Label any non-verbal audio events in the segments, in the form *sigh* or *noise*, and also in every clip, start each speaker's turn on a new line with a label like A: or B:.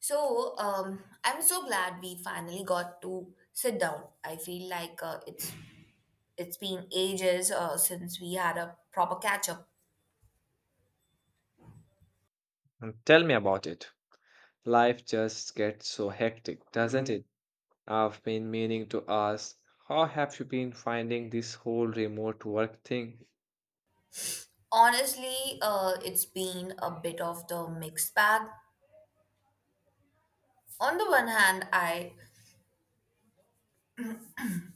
A: I'm so glad we finally got to sit down. I feel like it's been ages since we had a proper catch up.
B: Mm, tell me about it. Life just gets so hectic, doesn't it? I've been meaning to ask, how have you been finding this whole remote work thing?
A: Honestly, it's been a bit of the mixed bag. On the one hand, I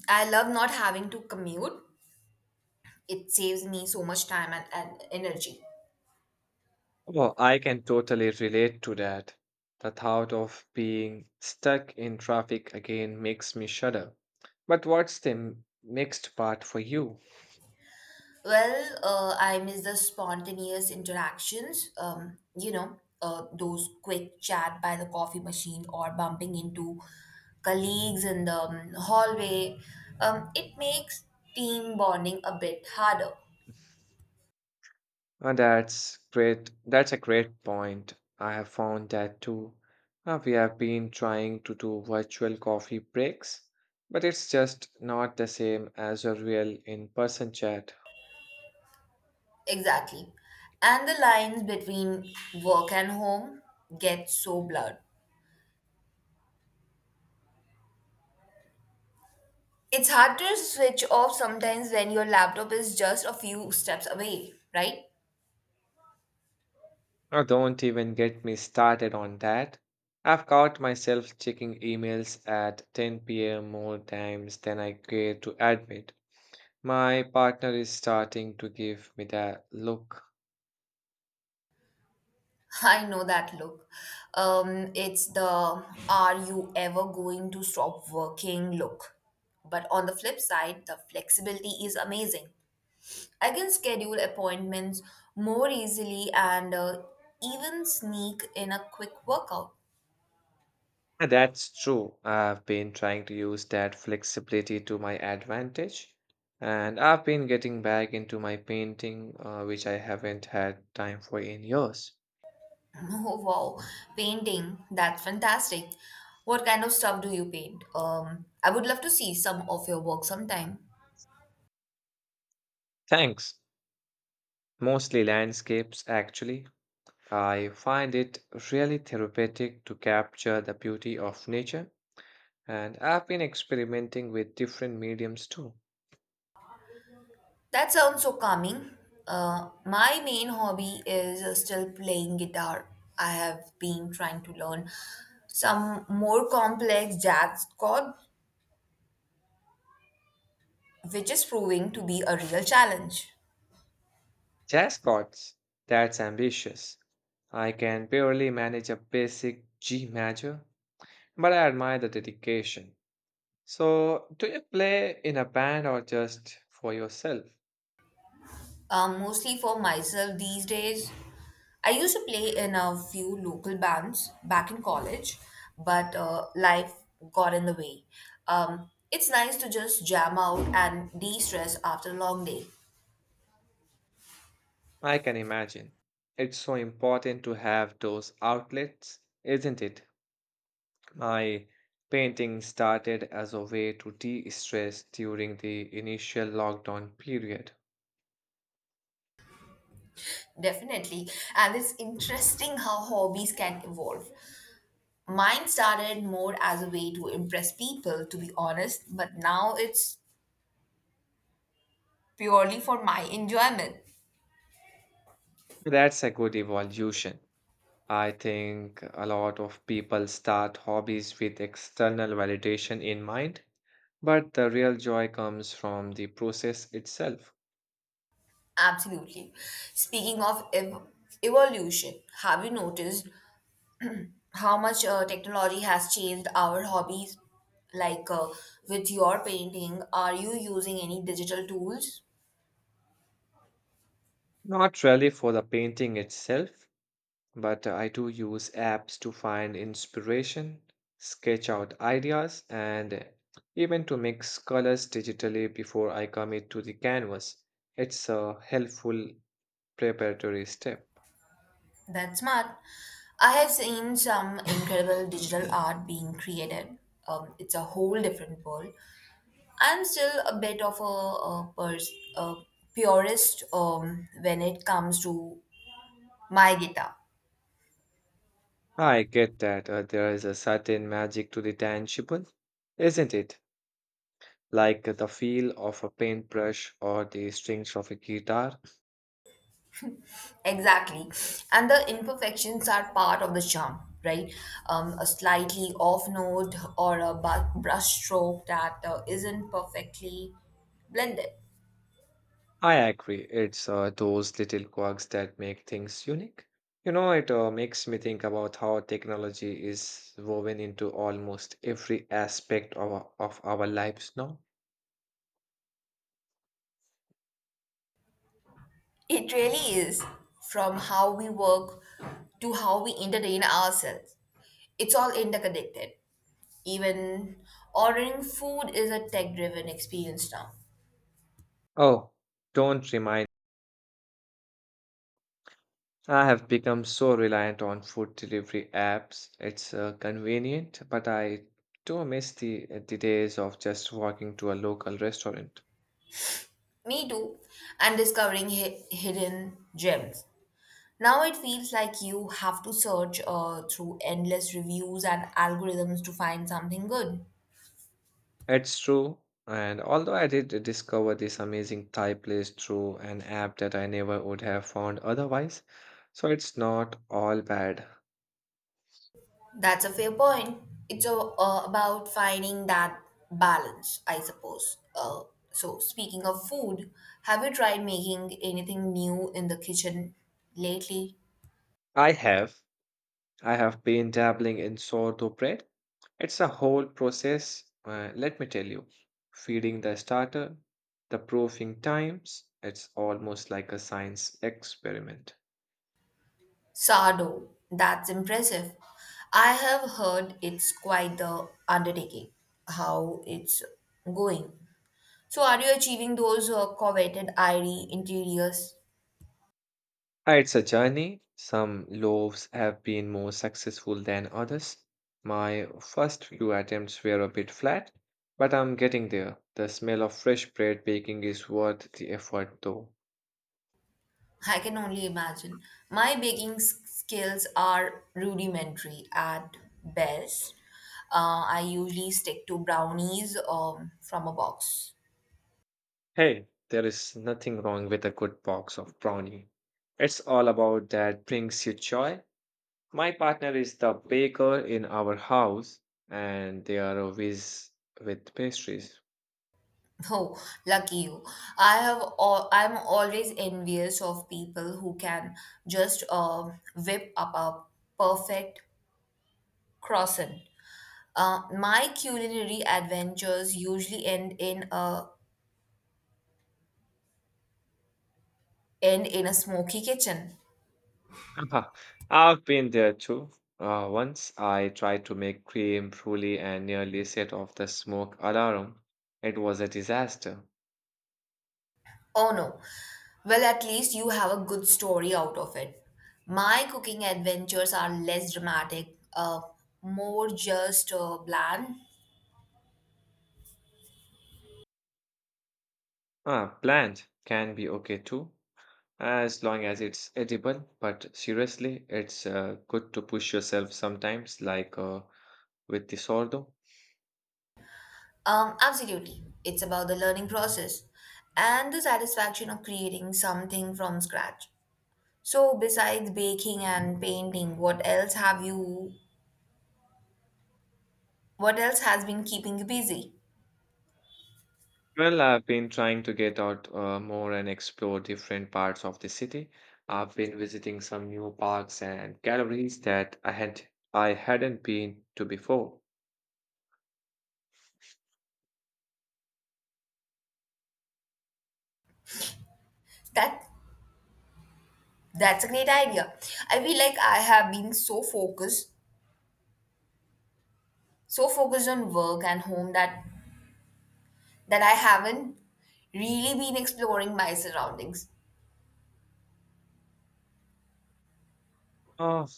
A: I love not having to commute. It saves me so much time and energy.
B: Well, I can totally relate to that. The thought of being stuck in traffic again makes me shudder. But what's the next part for you?
A: Well, I miss the spontaneous interactions, those quick chat by the coffee machine or bumping into colleagues in the hallway. It makes team bonding a bit harder.
B: That's a great point. I have found that too. We have been trying to do virtual coffee breaks, but it's just not the same as a real in-person chat.
A: Exactly. And the lines between work and home get so blurred. It's hard to switch off sometimes when your laptop is just a few steps away, right?
B: Oh, don't even get me started on that. I've caught myself checking emails at 10 p.m. more times than I care to admit. My partner is starting to give me that look.
A: *laughs* I know that look. It's the are you ever going to stop working look. But on the flip side, the flexibility is amazing. I can schedule appointments more easily and even sneak in a quick workout.
B: And that's true. I've been trying to use that flexibility to my advantage. And I've been getting back into my painting, which I haven't had time for in years.
A: *laughs* Oh, wow. Painting. That's fantastic. What kind of stuff do you paint? I would love to see some of your work sometime.
B: Thanks. Mostly landscapes, actually. I find it really therapeutic to capture the beauty of nature, and I've been experimenting with different mediums too.
A: That sounds so calming. My main hobby is still playing guitar. I have been trying to learn some more complex jazz chord, which is proving to be a real challenge.
B: Jazz chords, that's ambitious. I can barely manage a basic G major, but I admire the dedication. So, do you play in a band or just for yourself?
A: Mostly for myself these days. I used to play in a few local bands back in college, but life got in the way. It's nice to just jam out and de stress after a long day.
B: I can imagine. It's so important to have those outlets, isn't it? My painting started as a way to de stress during the initial lockdown period.
A: Definitely. And it's interesting how hobbies can evolve. Mine started more as a way to impress people, to be honest, but now it's purely for my enjoyment.
B: That's a good evolution. I think a lot of people start hobbies with external validation in mind, but the real joy comes from the process itself,
A: Absolutely. Speaking of evolution, have you noticed how much technology has changed our hobbies? Like with your painting, are you using any digital tools?
B: not really for the painting itself, but I do use apps to find inspiration, sketch out ideas, and even to mix colors digitally before I commit to the canvas. It's a helpful preparatory step.
A: That's smart. I have seen some incredible digital art being created. It's a whole different world. I'm still a bit of a purist when it comes to my guitar.
B: I get that, there is a certain magic to the tangible, isn't it? Like the feel of a paintbrush or the strings of a guitar.
A: Exactly. And the imperfections are part of the charm, right? A slightly off note or a brush stroke that isn't perfectly blended.
B: I agree. It's those little quirks that make things unique. You know, it makes me think about how technology is woven into almost every aspect of our lives now.
A: It really is from how we work to how we entertain ourselves. It's all interconnected. Even ordering food is a tech driven experience now.
B: Oh, don't remind. I have become so reliant on food delivery apps. It's convenient, but I do miss the days of just walking to a local restaurant.
A: Me too. And discovering hidden gems. Now it feels like you have to search through endless reviews and algorithms to find something good.
B: It's true. And although I did discover this amazing Thai place through an app that I never would have found otherwise, so it's not all bad.
A: That's a fair point. It's about finding that balance, I suppose. So, speaking of food, have you tried making anything new in the kitchen lately?
B: I have. I have been dabbling in sourdough bread. It's a whole process, let me tell you. Feeding the starter, the proofing times, it's almost like a science experiment.
A: Sourdough. That's impressive. I have heard it's quite the undertaking, how it's going. So, are you achieving those coveted airy interiors?
B: It's a journey. Some loaves have been more successful than others. My first few attempts were a bit flat, but I'm getting there. The smell of fresh bread baking is worth the effort, though.
A: I can only imagine. My baking skills are rudimentary at best. I usually stick to brownies from a box. *laughs*
B: Hey, there is nothing wrong with a good box of brownie. It's all about that brings you joy. My partner is the baker in our house, and they are a whiz with pastries.
A: Oh, lucky you! I'm always envious of people who can just whip up a perfect croissant. My culinary adventures usually end in a smoky kitchen.
B: Haha, I've been there too. Once I tried to make cream brulee and nearly set off the smoke alarm. It was a disaster.
A: Oh no. Well, at least you have a good story out of it. My cooking adventures are less dramatic, more just bland.
B: Ah, plant can be okay too, as long as it's edible. But seriously, it's good to push yourself sometimes, like with the sourdough.
A: Absolutely. It's about the learning process and the satisfaction of creating something from scratch. So, besides baking and painting, what else have you? What else has been keeping you busy?
B: Well, I've been trying to get out more and explore different parts of the city. I've been visiting some new parks and galleries that I hadn't been to before.
A: That that's a great idea. I feel like I have been so focused on work and home that I haven't really been exploring my surroundings.
B: Oh,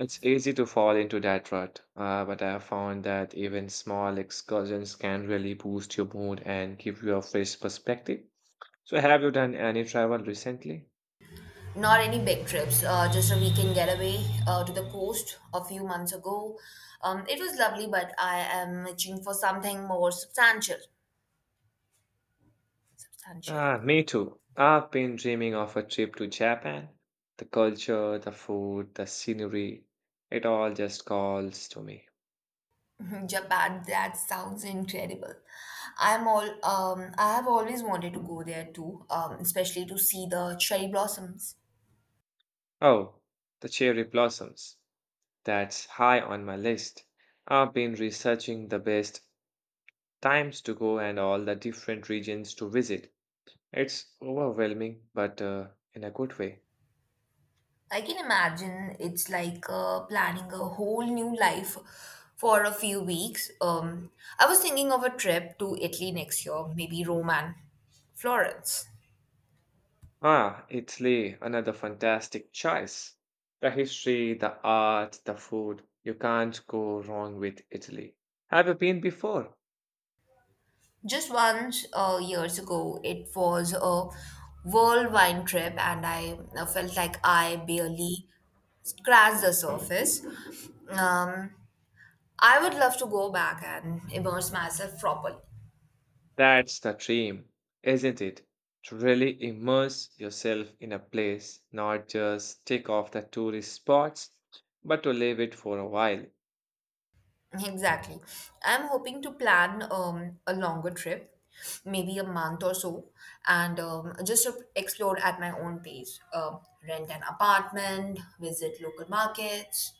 B: it's easy to fall into that rut, but I have found that even small excursions can really boost your mood and give you a fresh perspective. So, have you done any travel recently?
A: Not any big trips, just a weekend getaway to the coast a few months ago. It was lovely, but I am itching for something more substantial.
B: Ah, me too. I've been dreaming of a trip to Japan. The culture, the food, the scenery, it all just calls to me.
A: *laughs* Japan, that sounds incredible. I have always wanted to go there too, especially to see the cherry blossoms.
B: Oh, the cherry blossoms. That's high on my list. I've been researching the best times to go and all the different regions to visit. It's overwhelming, but in a good way.
A: I can imagine it's like planning a whole new life for a few weeks. I was thinking of a trip to Italy next year, maybe Rome and Florence.
B: Ah, Italy, another fantastic choice. The history, the art, the food. You can't go wrong with Italy. Have you been before?
A: Just once years ago, it was a whirlwind trip, and I felt like I barely scratched the surface. Um, I would love to go back and immerse myself properly.
B: That's the dream, isn't it? To really immerse yourself in a place, not just tick off the tourist spots, but to live it for a while.
A: Exactly. I'm hoping to plan a longer trip, maybe a month or so, and just to explore at my own pace. Rent an apartment, visit local markets.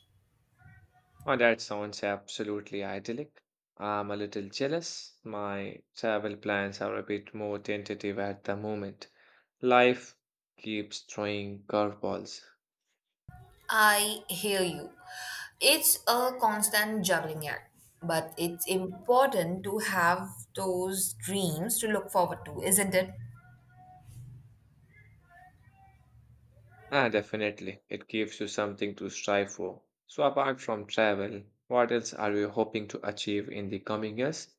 B: Oh, that sounds absolutely idyllic. I'm a little jealous. My travel plans are a bit more tentative at the moment. Life keeps throwing curveballs.
A: I hear you. It's a constant juggling act, but it's important to have those dreams to look forward to, isn't it?
B: Ah, definitely. It gives you something to strive for. So, apart from travel, what else are you hoping to achieve in the coming years?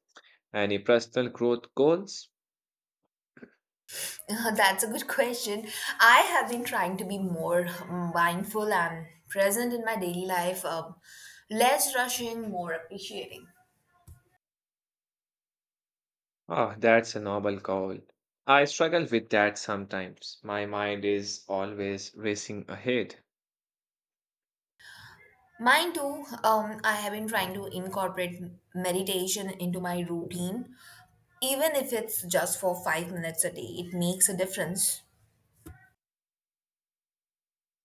B: Any personal growth goals?
A: *laughs* That's a good question. I have been trying to be more mindful and present in my daily life, less rushing, more appreciating.
B: Ah, that's a noble goal. I struggle with that sometimes. My mind is always racing ahead.
A: Mine too, I have been trying to incorporate meditation into my routine. Even if it's just for 5 minutes a day, it makes a difference.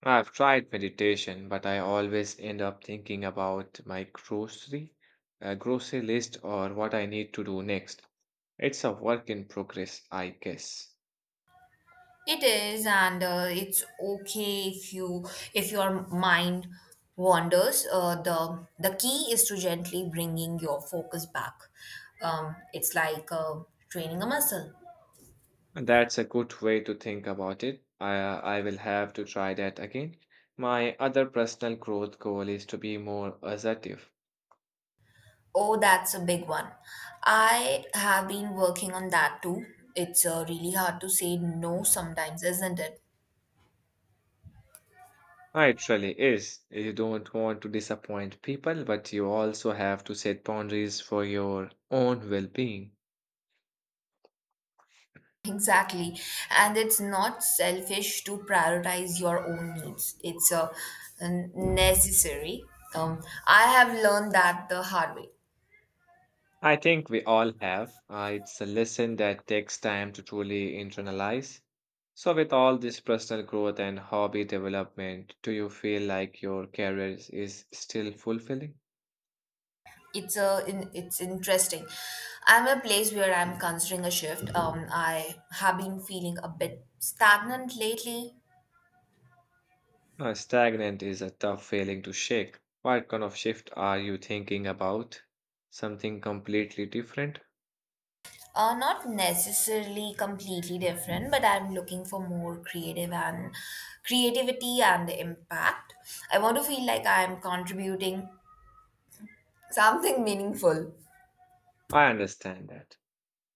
B: I've tried meditation, but I always end up thinking about my grocery list or what I need to do next. It's a work in progress, I guess.
A: It is, and it's okay if your mind wanders. The key is to gently bringing your focus back. It's like training a muscle.
B: And that's a good way to think about it. I will have to try that again. My other personal growth goal is to be more assertive.
A: Oh, that's a big one. I have been working on that too. It's really hard to say no sometimes, isn't it?
B: Ah, it really is. You don't want to disappoint people, but you also have to set boundaries for your own well-being.
A: Exactly. And it's not selfish to prioritize your own needs. It's a necessary. Um, I have learned that the hard way.
B: I think we all have. It's a lesson that takes time to truly internalize. So, with all this personal growth and hobby development, do you feel like your career is still fulfilling?
A: It's interesting. I'm a place where I'm considering a shift. I have been feeling a bit stagnant lately.
B: Stagnant is a tough feeling to shake. What kind of shift are you thinking about? Something completely different?
A: Not necessarily completely different, but I'm looking for more creative and creativity and impact. I want to feel like I'm contributing Something meaningful.
B: I understand that.